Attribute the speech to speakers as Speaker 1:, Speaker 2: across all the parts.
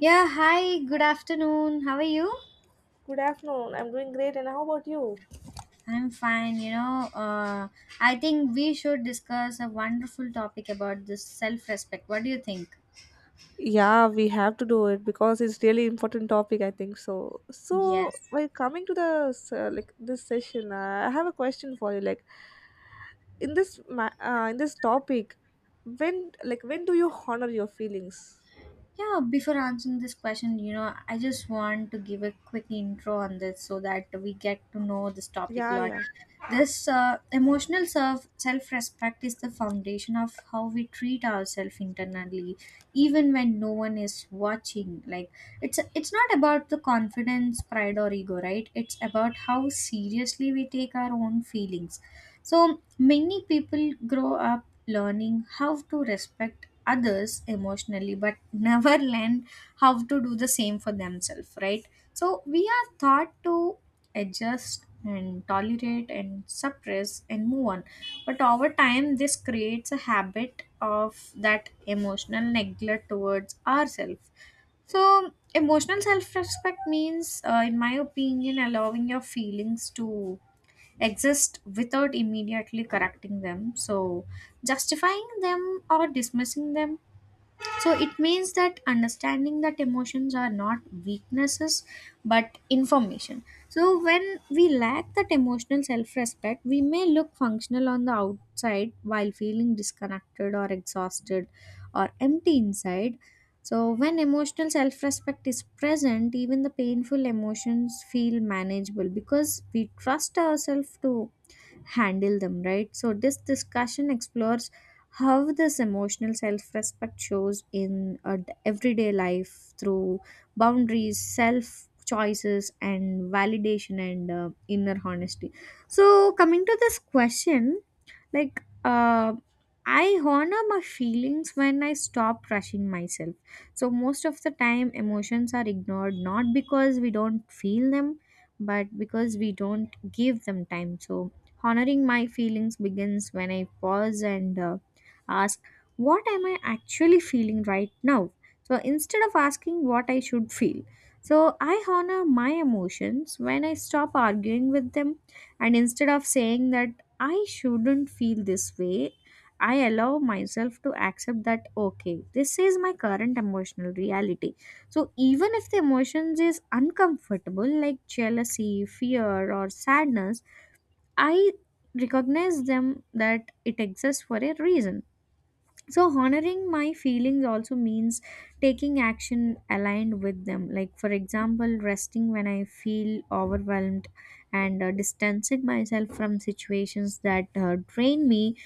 Speaker 1: Yeah, hi, good afternoon. How are you?
Speaker 2: Good afternoon. I'm doing great, and how about you?
Speaker 1: I'm fine, you know. I think we should discuss a wonderful topic about this self respect. What do you think?
Speaker 2: Yeah, we have to do it because it's really important topic, I think so. So,
Speaker 1: Yes.
Speaker 2: while coming to the like this session, I have a question for you. Like, in this in this topic, when when do you honor your feelings?
Speaker 1: Yeah, before answering this question, I just want to give a quick intro on this so that we get to know this topic a
Speaker 2: Yeah,
Speaker 1: lot.
Speaker 2: yeah,
Speaker 1: This emotional self respect is the foundation of how we treat ourselves internally, even when no one is watching. Like it's not about the confidence, pride, or ego, right? It's about how seriously we take our own feelings. So many people grow up learning how to respect others emotionally, but never learn how to do the same for themselves, right? So we are taught to adjust and tolerate and suppress and move on. But over time, this creates a habit of that emotional neglect towards ourselves. So, emotional self respect means, in my opinion, allowing your feelings to exist without immediately correcting them, so justifying them or dismissing them. So it means that understanding that emotions are not weaknesses but information. So when we lack that emotional self-respect, we may look functional on the outside while feeling disconnected or exhausted or empty inside. So when emotional self-respect is present, even the painful emotions feel manageable because we trust ourselves to handle them, right? So this discussion explores how this emotional self-respect shows in everyday life through boundaries, self choices, and validation, and inner honesty. So coming to this question, like uh, I honor my feelings when I stop rushing myself. So most of the time emotions are ignored not because we don't feel them but because we don't give them time. So honoring my feelings begins when I pause and ask, what am I actually feeling right now? So instead of asking what I should feel, so I honor my emotions when I stop arguing with them. And instead of saying that I shouldn't feel this way, I allow myself to accept that, okay, this is my current emotional reality. So even if the emotions is uncomfortable like jealousy, fear or sadness, I recognize them, that it exists for a reason. So honoring my feelings also means taking action aligned with them, like for example resting when I feel overwhelmed, and distancing myself from situations that drain me,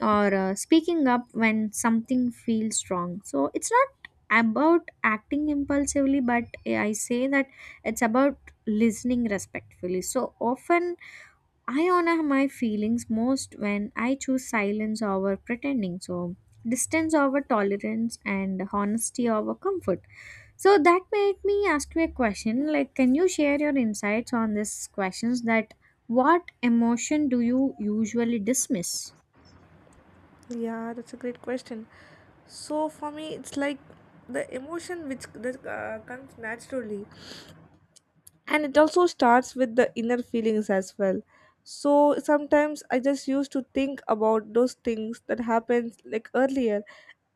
Speaker 1: or speaking up when something feels wrong. So it's not about acting impulsively, but I say that it's about listening respectfully. So often I honor my feelings most when I choose silence over pretending. So, distance over tolerance, and honesty over comfort. So, that made me ask you a question, like, can you share your insights on this questions, that what emotion do you usually dismiss?
Speaker 2: yeah. That's a great question. So for me, it's like the emotion which that comes naturally, and it also starts with the inner feelings as well. So sometimes I just used to think about those things that happened like earlier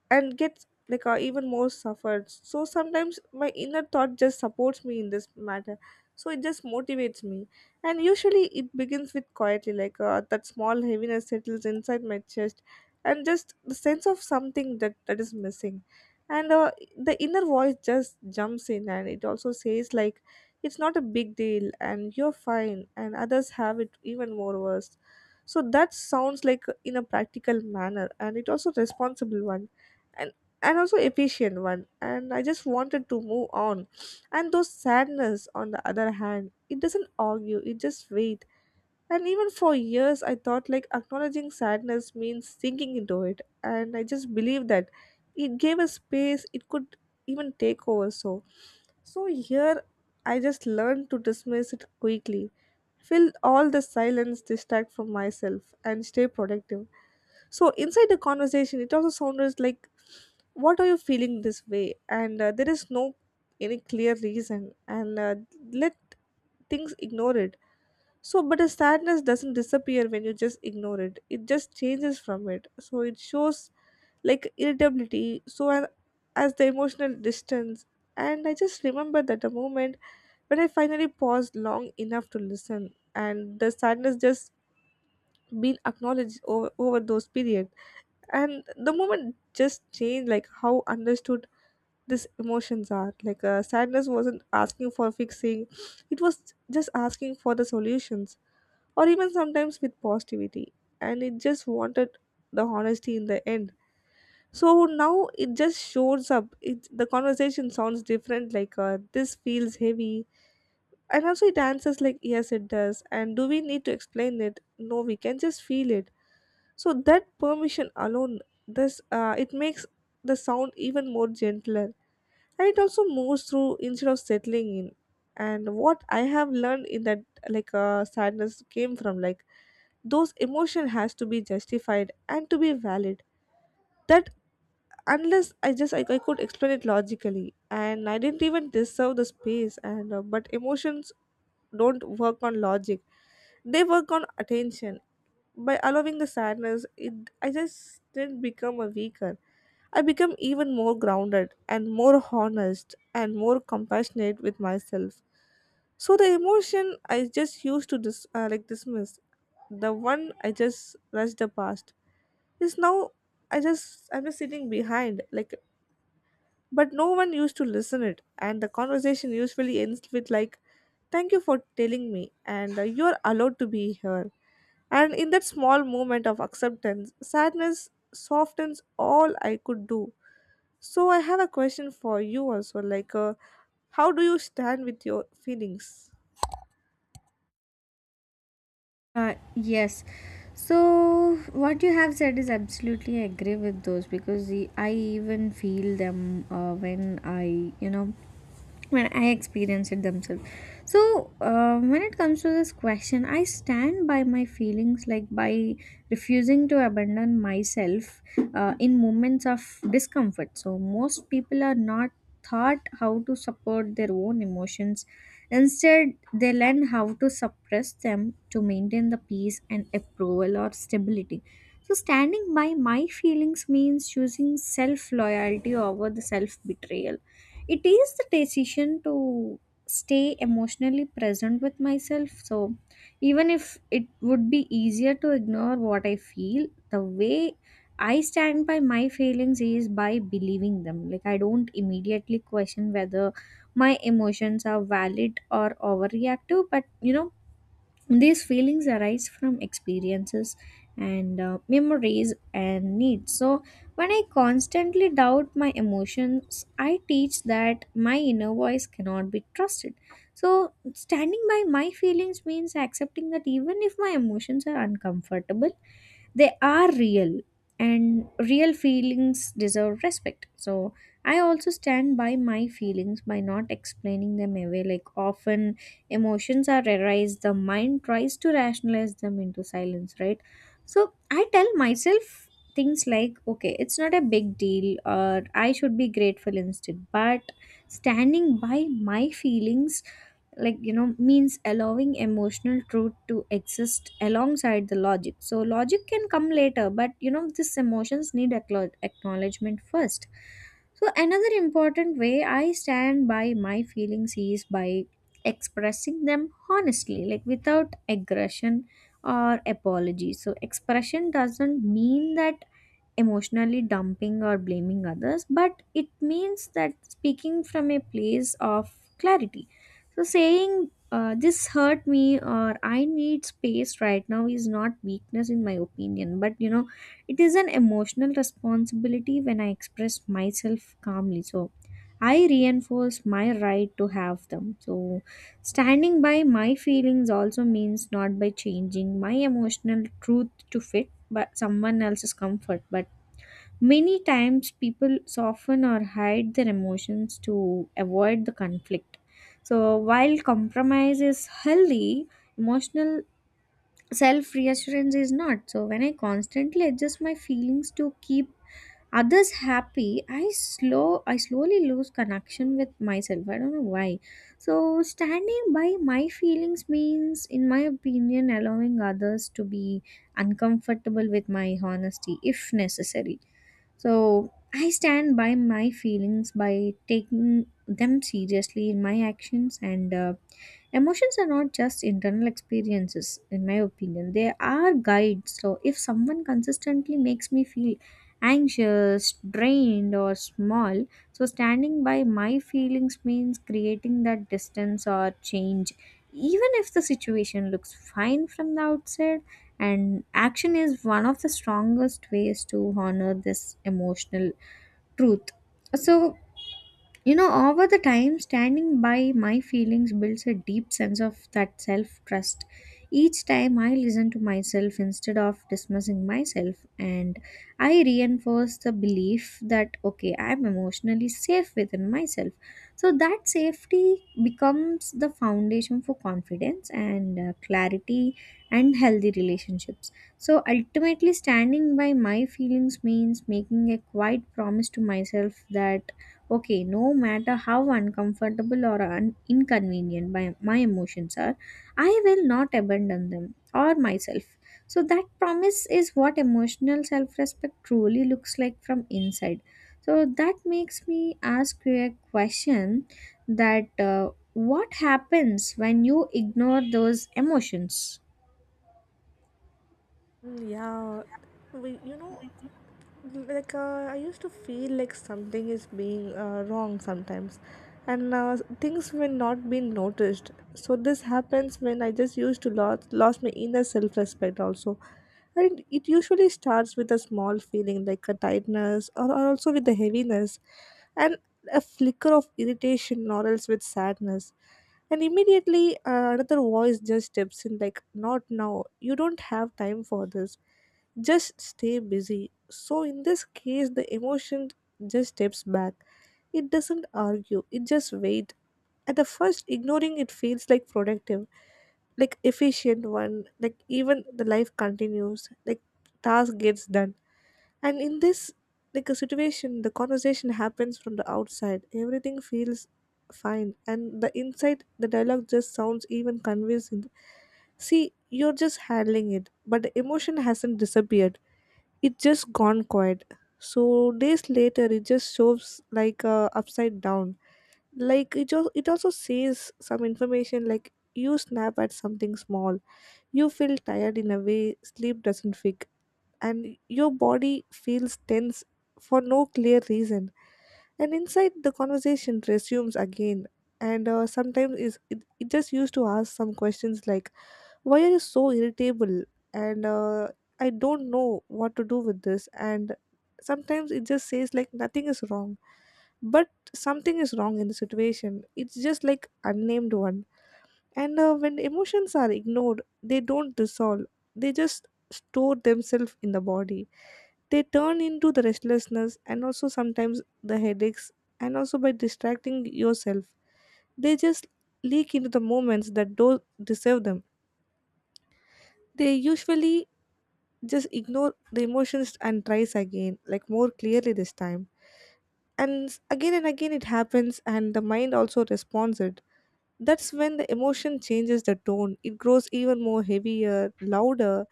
Speaker 2: and gets like, even more suffered. So sometimes my inner thought just supports me in this matter, so it just motivates me. And usually it begins with quietly, like, that small heaviness settles inside my chest and just the sense of something that is missing. And the inner voice just jumps in, and it also says like it's not a big deal and you're fine and others have it even more worse. So that sounds like in a practical manner, and it also responsible one and and also efficient one, and I just wanted to move on. And those sadness on the other hand, it doesn't argue, it just wait. And even for years, I thought like acknowledging sadness means sinking into it, and I just believed that it gave a space it could even take over. So here I just learned to dismiss it quickly, fill all the silence, distract from myself, and stay productive. So inside the conversation, it also sounded like, "What are you feeling this way?" And there is no any clear reason, and let things ignore it. So, but the sadness doesn't disappear when you just ignore it. It just changes from it. So it shows like irritability. As the emotional distance, and I just remember that the moment when I finally paused long enough to listen, and the sadness just been acknowledged over those periods. And the moment just changed like how understood these emotions are, like, sadness wasn't asking for fixing, it was just asking for the solutions, or even sometimes with positivity. And it just wanted the honesty in the end. So now it just shows up it the conversation sounds different, like, this feels heavy. And also it answers like yes it does, and do we need to explain it, no we can just feel it. So that permission alone, this, it makes the sound even more gentler, and it also moves through instead of settling in. And what I have learned in that, like, sadness came from like those emotion has to be justified and to be valid. That unless I just I could explain it logically, and I didn't even deserve the space. And but emotions don't work on logic, they work on attention. By allowing the sadness, it I just didn't become a weaker, I became even more grounded and more honest and more compassionate with myself. So the emotion I just used to dismiss, the one I just rushed the past is now I just I'm just sitting behind like, but no one used to listen it. And the conversation usually ends with like, "Thank you for telling me," and "You're allowed to be here." And in that small moment of acceptance, sadness softens all I could do. So I have a question for you also, like, how do you stand with your feelings?
Speaker 1: Yes. So what you have said is absolutely agree with those, because the, I even feel them when I, you know, when I experience it themselves. So, when it comes to this question, I stand by my feelings, like by refusing to abandon myself in moments of discomfort. So, most people are not taught how to support their own emotions. Instead, they learn how to suppress them to maintain the peace and approval or stability. So, standing by my feelings means choosing self loyalty over the self betrayal. It is the decision to stay emotionally present with myself. So even if it would be easier to ignore what I feel, the way I stand by my feelings is by believing them. Like I don't immediately question whether my emotions are valid or overreactive, but you know, these feelings arise from experiences and memories and needs. So, when I constantly doubt my emotions, I teach that my inner voice cannot be trusted. So, standing by my feelings means accepting that even if my emotions are uncomfortable, they are real, and real feelings deserve respect. So I also stand by my feelings by not explaining them away. Like often emotions are arise, the mind tries to rationalize them into silence, right? So I tell myself things like, okay, it's not a big deal, or I should be grateful instead. But standing by my feelings, like you know, means allowing emotional truth to exist alongside the logic. So logic can come later, but you know, these emotions need acknowledgement first. So another important way I stand by my feelings is by expressing them honestly, like without aggression or apology. So, expression doesn't mean that emotionally dumping or blaming others, but it means that speaking from a place of clarity. So, saying this hurt me, or I need space right now, is not weakness, in my opinion, but you know, it is an emotional responsibility when I express myself calmly. So, I reinforce my right to have them. So, standing by my feelings also means not by changing my emotional truth to fit but someone else's comfort. But many times people soften or hide their emotions to avoid the conflict. So while compromise is healthy, emotional self reassurance is not. So when I constantly adjust my feelings to keep others happy, I slowly lose connection with myself. I don't know why. So standing by my feelings means, in my opinion, allowing others to be uncomfortable with my honesty if necessary. So I stand by my feelings by taking them seriously in my actions, and emotions are not just internal experiences, in my opinion. They are guides. So, if someone consistently makes me feel anxious, drained, or small, so standing by my feelings means creating that distance or change. Even if the situation looks fine from the outside, and action is one of the strongest ways to honor this emotional truth. So, you know, over the time, standing by my feelings builds a deep sense of that self trust. Each time I listen to myself instead of dismissing myself, and I reinforce the belief that, okay, I'm emotionally safe within myself. So that safety becomes the foundation for confidence and clarity and healthy relationships. So ultimately, standing by my feelings means making a quiet promise to myself, that okay, no matter how uncomfortable or inconvenient my emotions are, I will not abandon them or myself. So, that promise is what emotional self respect truly looks like from inside. So, that makes me ask you a question, that what happens when you ignore those emotions?
Speaker 2: Mm, yeah, we, you know, like, I used to feel like something is being wrong sometimes, and things were not being noticed. So this happens when I just used to lost my inner self-respect also. And it usually starts with a small feeling like a tightness, or also with the heaviness, and a flicker of irritation or else with sadness. And immediately, another voice just steps in like not now, you don't have time for this, just stay busy. So, in this case, the emotion just steps back. It doesn't argue, it just waits. At the first, ignoring it feels like productive, like efficient one, like even the life continues, like task gets done. And in this like a situation, the conversation happens from the outside. Everything feels fine. And the inside the dialogue just sounds even convincing. See, you're just handling it, but the emotion hasn't disappeared, it just gone quiet. So days later, it just shows like, upside down. Like it just it also says some information like you snap at something small, you feel tired in a way sleep doesn't fix, and your body feels tense for no clear reason. And inside the conversation resumes again, and sometimes is it just used to ask some questions like why are you so irritable? And I don't know what to do with this. And sometimes it just says like nothing is wrong, but something is wrong in the situation. It's just like unnamed one. And when emotions are ignored, they don't dissolve. They just store themselves in the body. They turn into the restlessness and also sometimes the headaches, and also by distracting yourself. They just leak into the moments that don't deserve them. They usually just ignore the emotions and tries again like more clearly this time. Again and again it happens, and the mind also responds it. That's when the emotion changes the tone, it grows even more heavier, louder.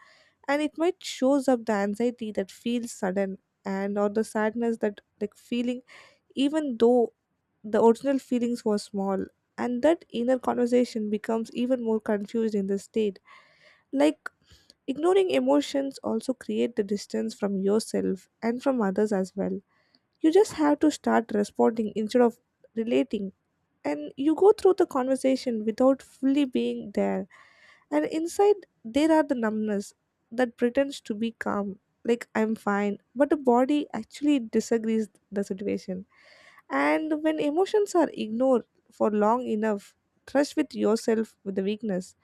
Speaker 2: And it might shows up the anxiety that feels sudden and or the sadness that like feeling, even though the original feelings were small. And that inner conversation becomes even more confused in this state. Like, ignoring emotions also create the distance from yourself and from others as well. You just have to start responding instead of relating, and you go through the conversation without fully being there. And inside there are the numbness that pretends to be calm, like I'm fine, but the body actually disagrees the situation. And when emotions are ignored for long enough, trust with yourself with the weakness.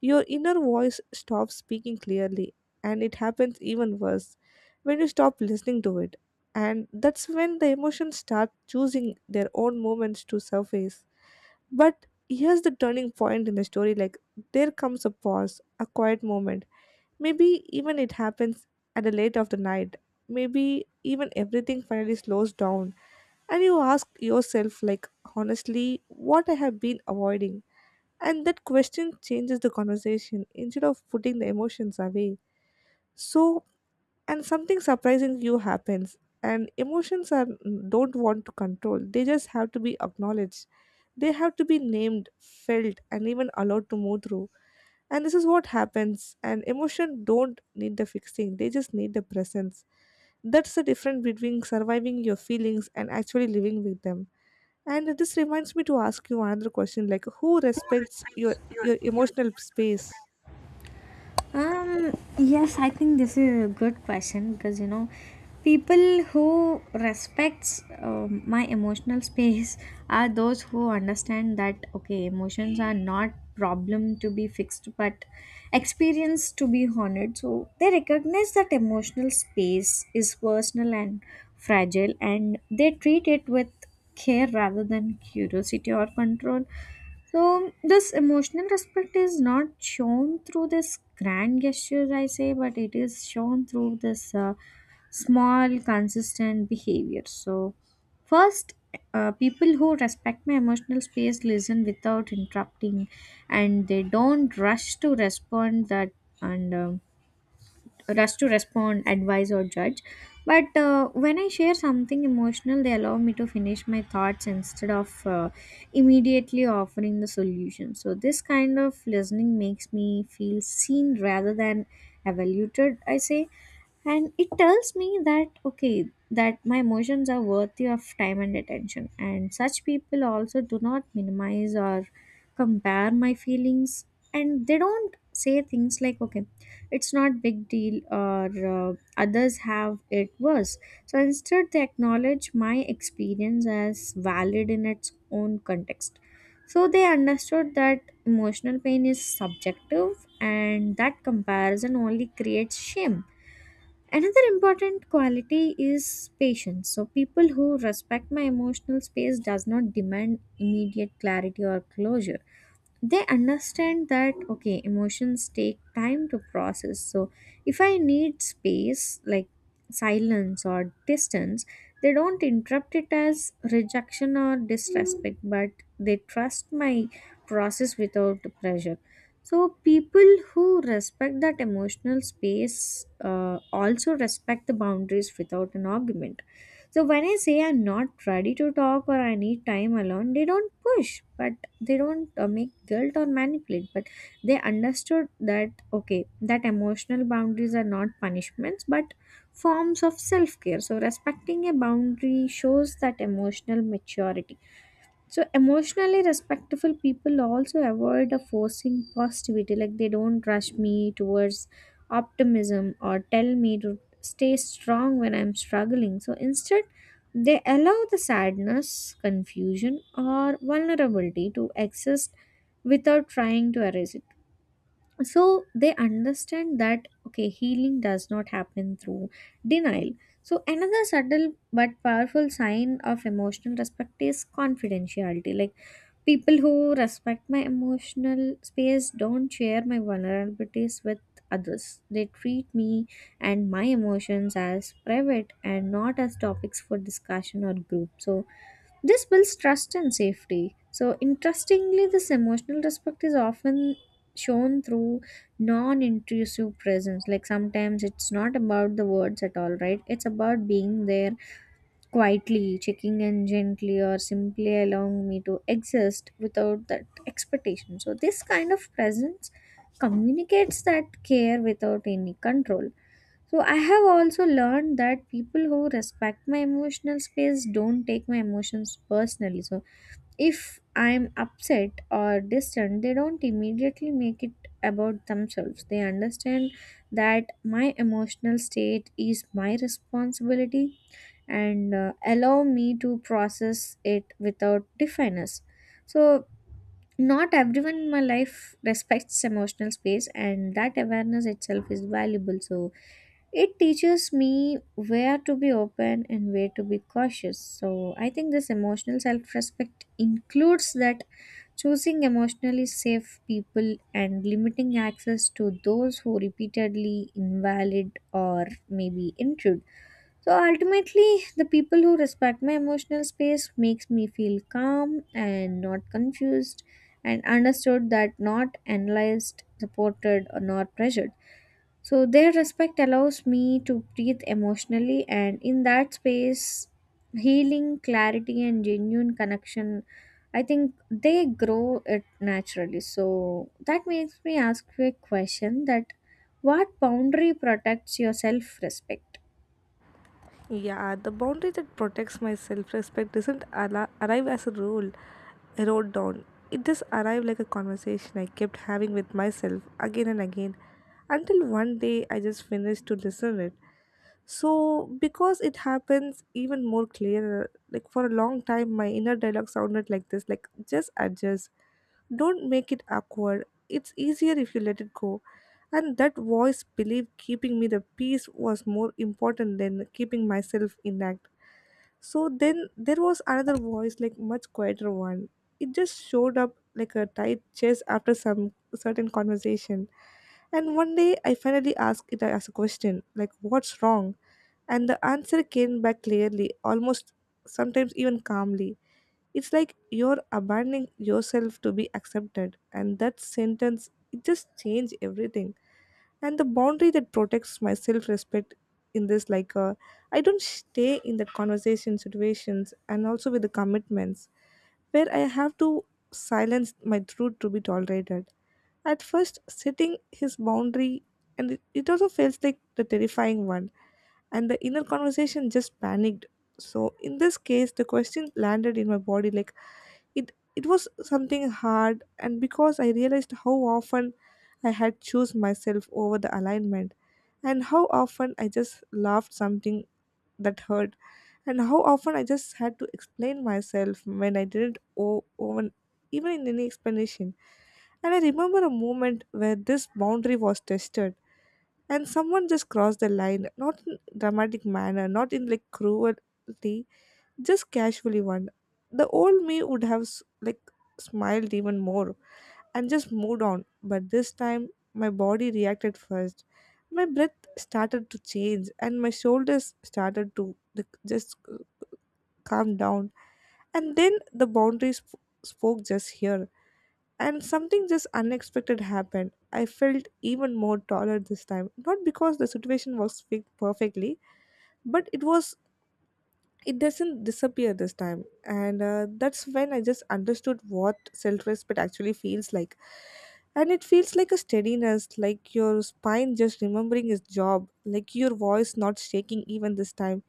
Speaker 2: Your inner voice stops speaking clearly, and it happens even worse when you stop listening to it. And that's when the emotions start choosing their own moments to surface. But here's the turning point in the story, like, there comes a pause, a quiet moment. Maybe even it happens at the late of the night. Maybe even everything finally slows down, and you ask yourself, like, honestly, what I have been avoiding. And that question changes the conversation instead of putting the emotions away. So, and something surprising you happens. And emotions are, don't want to control. They just have to be acknowledged. They have to be named, felt, and even allowed to move through. And this is what happens. And emotion don't need the fixing. They just need the presence. That's the difference between surviving your feelings and actually living with them. And this reminds me to ask you another question, like who respects your emotional space?
Speaker 1: Yes, I think this is a good question, because you know, people who respects my emotional space are those who understand that, okay, emotions are not problem to be fixed, but experience to be honored. So they recognize that emotional space is personal and fragile, and they treat it with care rather than curiosity or control. So this emotional respect is not shown through this grand gestures, I say, but it is shown through this small, consistent behavior. So first, people who respect my emotional space listen without interrupting, and they don't rush to respond that and. Rush to respond, advise, or judge. But when I share something emotional, they allow me to finish my thoughts instead of immediately offering the solution. So, this kind of listening makes me feel seen rather than evaluated, I say. And it tells me that, okay, that my emotions are worthy of time and attention. And such people also do not minimize or compare my feelings. And they don't say things like, okay, it's not big deal, or others have it worse. So instead, they acknowledge my experience as valid in its own context. So they understood that emotional pain is subjective, and that comparison only creates shame. Another important quality is patience. So people who respect my emotional space does not demand immediate clarity or closure. They understand that, okay, emotions take time to process. So if I need space, like silence or distance, they don't interrupt it as rejection or disrespect, but they trust my process without pressure. So people who respect that emotional space also respect the boundaries without an argument. So when I say I'm not ready to talk, or I need time alone, they don't push, but they don't make guilt or manipulate. But they understood that, okay, that emotional boundaries are not punishments, but forms of self care. So respecting a boundary shows that emotional maturity. So emotionally respectful people also avoid a forcing positivity. Like they don't rush me towards optimism or tell me to stay strong when I'm struggling. So instead, they allow the sadness, confusion, or vulnerability to exist without trying to erase it. So they understand that, okay, healing does not happen through denial. So another subtle but powerful sign of emotional respect is confidentiality. Like people who respect my emotional space don't share my vulnerabilities with others. They treat me and my emotions as private, and not as topics for discussion or group. So, this builds trust and safety. So, interestingly, this emotional respect is often shown through non intrusive presence. Like sometimes it's not about the words at all, right? It's about being there quietly checking in gently or simply allowing me to exist without that expectation. So this kind of presence communicates that care without any control. So I have also learned that people who respect my emotional space don't take my emotions personally. So if I'm upset or distant, they don't immediately make it about themselves. They understand that my emotional state is my responsibility and allow me to process it without defiance. So, not everyone in my life respects emotional space, and that awareness itself is valuable. So, it teaches me where to be open and where to be cautious. So I think this emotional self respect includes that choosing emotionally safe people and limiting access to those who repeatedly invalid or maybe intrude. So ultimately, the people who respect my emotional space makes me feel calm and not confused and understood, that not analyzed, supported or not pressured. So their respect allows me to breathe emotionally, and in that space healing, clarity and genuine connection, I think they grow it naturally. So that makes me ask you a question that what boundary protects your self respect?
Speaker 2: Yeah, the boundary that protects my self-respect doesn't arrive as a rule I wrote down. It just arrived like a conversation I kept having with myself again and again until one day I just finished to listen it. So, because it happens even more clearer, like for a long time, my inner dialogue sounded like this, like, just adjust, don't make it awkward. It's easier if you let it go. And that voice believed keeping me the peace was more important than keeping myself intact. So then there was another voice, like much quieter one. It just showed up like a tight chest after some certain conversation. And one day I finally asked it as a question, like, what's wrong? And the answer came back clearly, almost sometimes even calmly. It's like you're abandoning yourself to be accepted. And that sentence, it just changed everything. And the boundary that protects my self respect in this, like, I don't stay in that conversation situations and also with the commitments where I have to silence my truth to be tolerated. At first, setting his boundary, and it also feels like the terrifying one, and the inner conversation just panicked. So, in this case, the question landed in my body like, it was something hard and because I realized how often I had choose myself over the alignment, and how often I just loved something that hurt, and how often I just had to explain myself when I didn't owe even in any explanation. And I remember a moment where this boundary was tested, and someone just crossed the line, not in dramatic manner, not in like cruelty, just casually one. The old me would have like smiled even more and just moved on, but this time my body reacted first. My breath started to change and my shoulders started to like, just calm down. And then the boundaries spoke just here, and something just unexpected happened. I felt even more taller this time, not because the situation was fixed perfectly, but it was, it doesn't disappear this time, and that's when I just understood what self-respect actually feels like. And it feels like a steadiness, like your spine just remembering its job, like your voice not shaking even this time,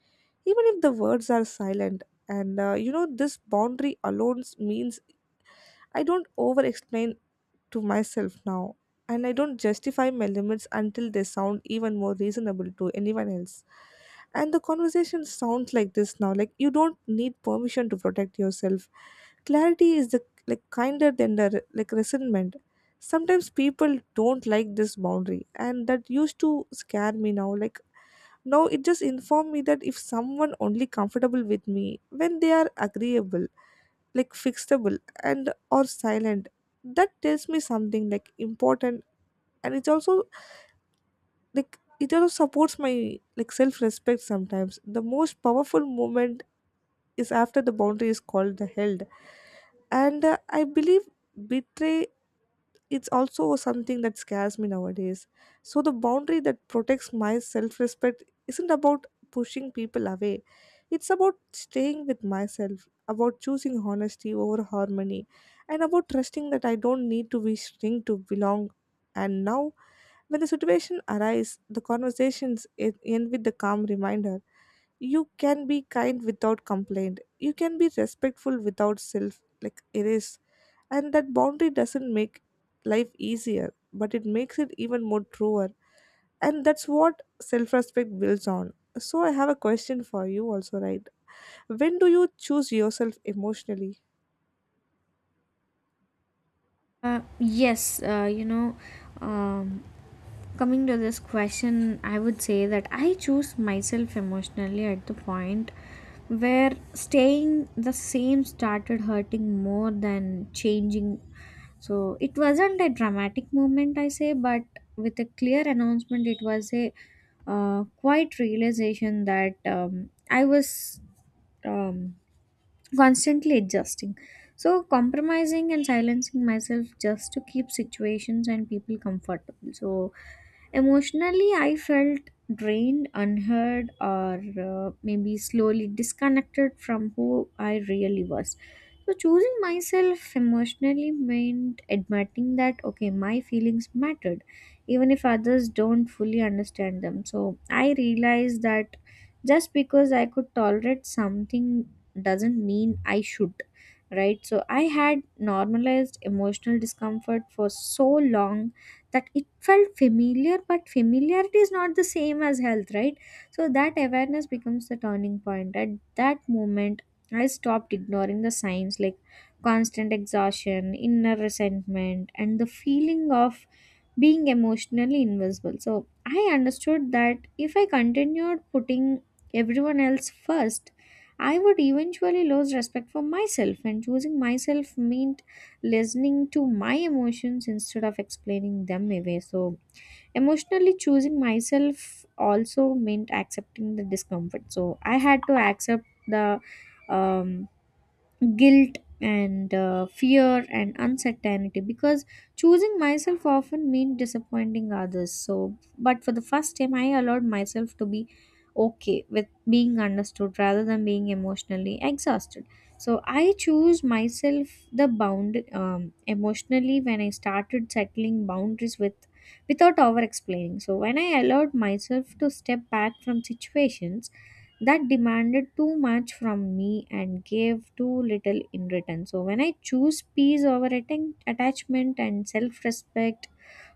Speaker 2: even if the words are silent. And this boundary alone means I don't over explain to myself now, and I don't justify my limits until they sound even more reasonable to anyone else. And the conversation sounds like this now, like you don't need permission to protect yourself. Clarity is the like kinder than the like resentment. Sometimes people don't like this boundary, and that used to scare me now. Like now it just informed me that if someone only comfortable with me when they are agreeable, like fixable and or silent, that tells me something like important. And it's also, like it also supports my like self-respect. Sometimes the most powerful moment is after the boundary is called the held, and I believe betray, it's also something that scares me nowadays. So the boundary that protects my self-respect isn't about pushing people away. It's about staying with myself, about choosing honesty over harmony, and about trusting that I don't need to be shrink to belong. And now, when the situation arises, the conversations end with the calm reminder, you can be kind without complaint, you can be respectful without self like erase, and that boundary doesn't make life easier, but it makes it even more truer. And that's what self respect builds on. So, I have a question for you also, right? When do you choose yourself emotionally?
Speaker 1: Yes, you know, um, coming to this question, I would say that I choose myself emotionally at the point where staying the same started hurting more than changing. So it wasn't a dramatic moment, I say, but with a clear announcement, it was a quiet realization that I was. Um, Constantly adjusting, so compromising and silencing myself just to keep situations and people comfortable. So emotionally, I felt drained, unheard, or maybe slowly disconnected from who I really was. So, choosing myself emotionally meant admitting that, okay, my feelings mattered, even if others don't fully understand them. So, I realized that just because I could tolerate something doesn't mean I should, right? So, I had normalized emotional discomfort for so long that it felt familiar, but familiarity is not the same as health, right? So that awareness becomes the turning point. At that moment I stopped ignoring the signs, like constant exhaustion, inner resentment and the feeling of being emotionally invisible. So I understood that if I continued putting everyone else first, I would eventually lose respect for myself, and choosing myself mean listening to my emotions instead of explaining them away. So, emotionally choosing myself also meant accepting the discomfort. So, I had to accept the um, guilt and fear and uncertainty, because choosing myself often means disappointing others. So but for the first time I allowed myself to be okay with being understood rather than being emotionally exhausted. So I choose myself the bound emotionally when I started settling boundaries with without over explaining. So when I allowed myself to step back from situations that demanded too much from me and gave too little in return, so when I choose peace over attachment and self-respect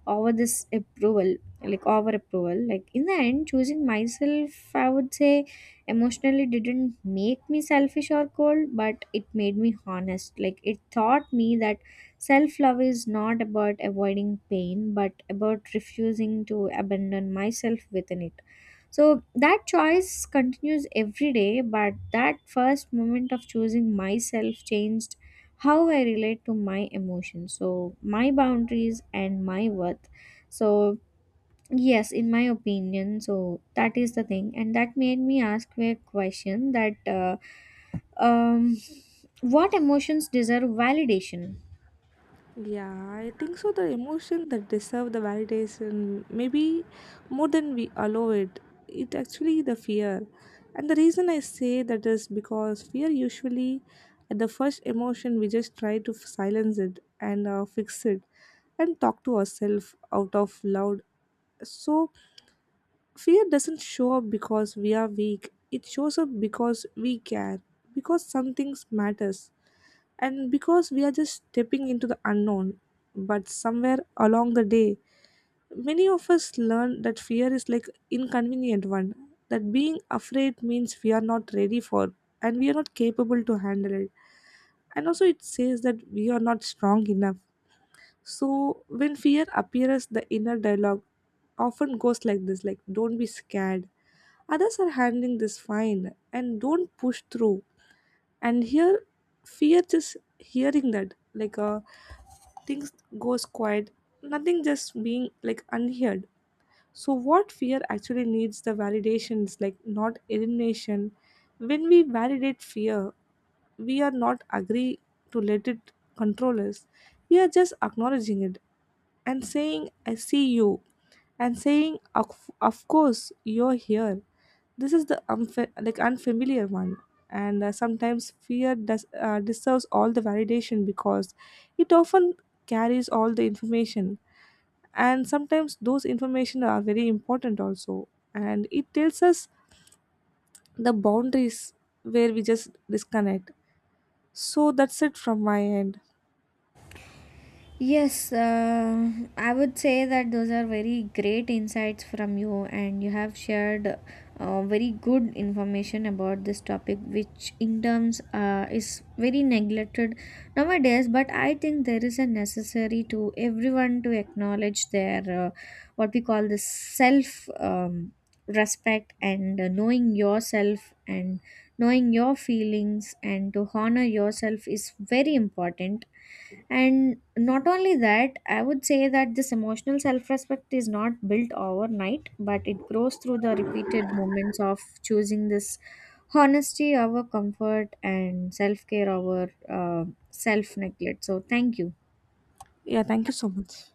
Speaker 1: over this approval, like over approval. Like in the end, choosing myself, I would say emotionally, didn't make me selfish or cold, but it made me honest. Like it taught me that self love is not about avoiding pain, but about refusing to abandon myself within it. So that choice continues every day, but that first moment of choosing myself changed how I relate to my emotions, so my boundaries and my worth. So, yes, in my opinion, so that is the thing, and that made me ask a question that um, what emotions deserve validation?
Speaker 2: Yeah, I think so. The emotion that deserve the validation, maybe more than we allow it, it actually the fear. And the reason I say that is because fear usually, at the first emotion, we just try to silence it and fix it and talk to ourselves out of loud. So, fear doesn't show up because we are weak, it shows up because we care, because something matters, and because we are just stepping into the unknown. But somewhere along the day, many of us learn that fear is like inconvenient one, that being afraid means we are not ready for and we are not capable to handle it, and also it says that we are not strong enough. So when fear appears, the inner dialogue often goes like this, like don't be scared. Others are handling this fine and don't push through. And here fear just hearing that like things goes quiet, nothing just being like unheard. So what fear actually needs the validations like not elimination. When we validate fear, we are not agree to let it control us, we are just acknowledging it and saying I see you, and saying of course you're here, this is the like unfamiliar one. And sometimes fear does deserves all the validation because it often carries all the information, and sometimes those information are very important also, and it tells us the boundaries where we just disconnect. So that's it from my end.
Speaker 1: Yes, I would say that those are very great insights from you, and you have shared very good information about this topic, which in terms is very neglected nowadays. But I think there is a necessary to everyone to acknowledge their what we call the self respect and knowing yourself and knowing your feelings and to honor yourself is very important. And not only that, I would say that this emotional self respect is not built overnight, but it grows through the repeated moments of choosing this honesty over comfort and self care over self neglect. So, thank you.
Speaker 2: Yeah, thank you so much.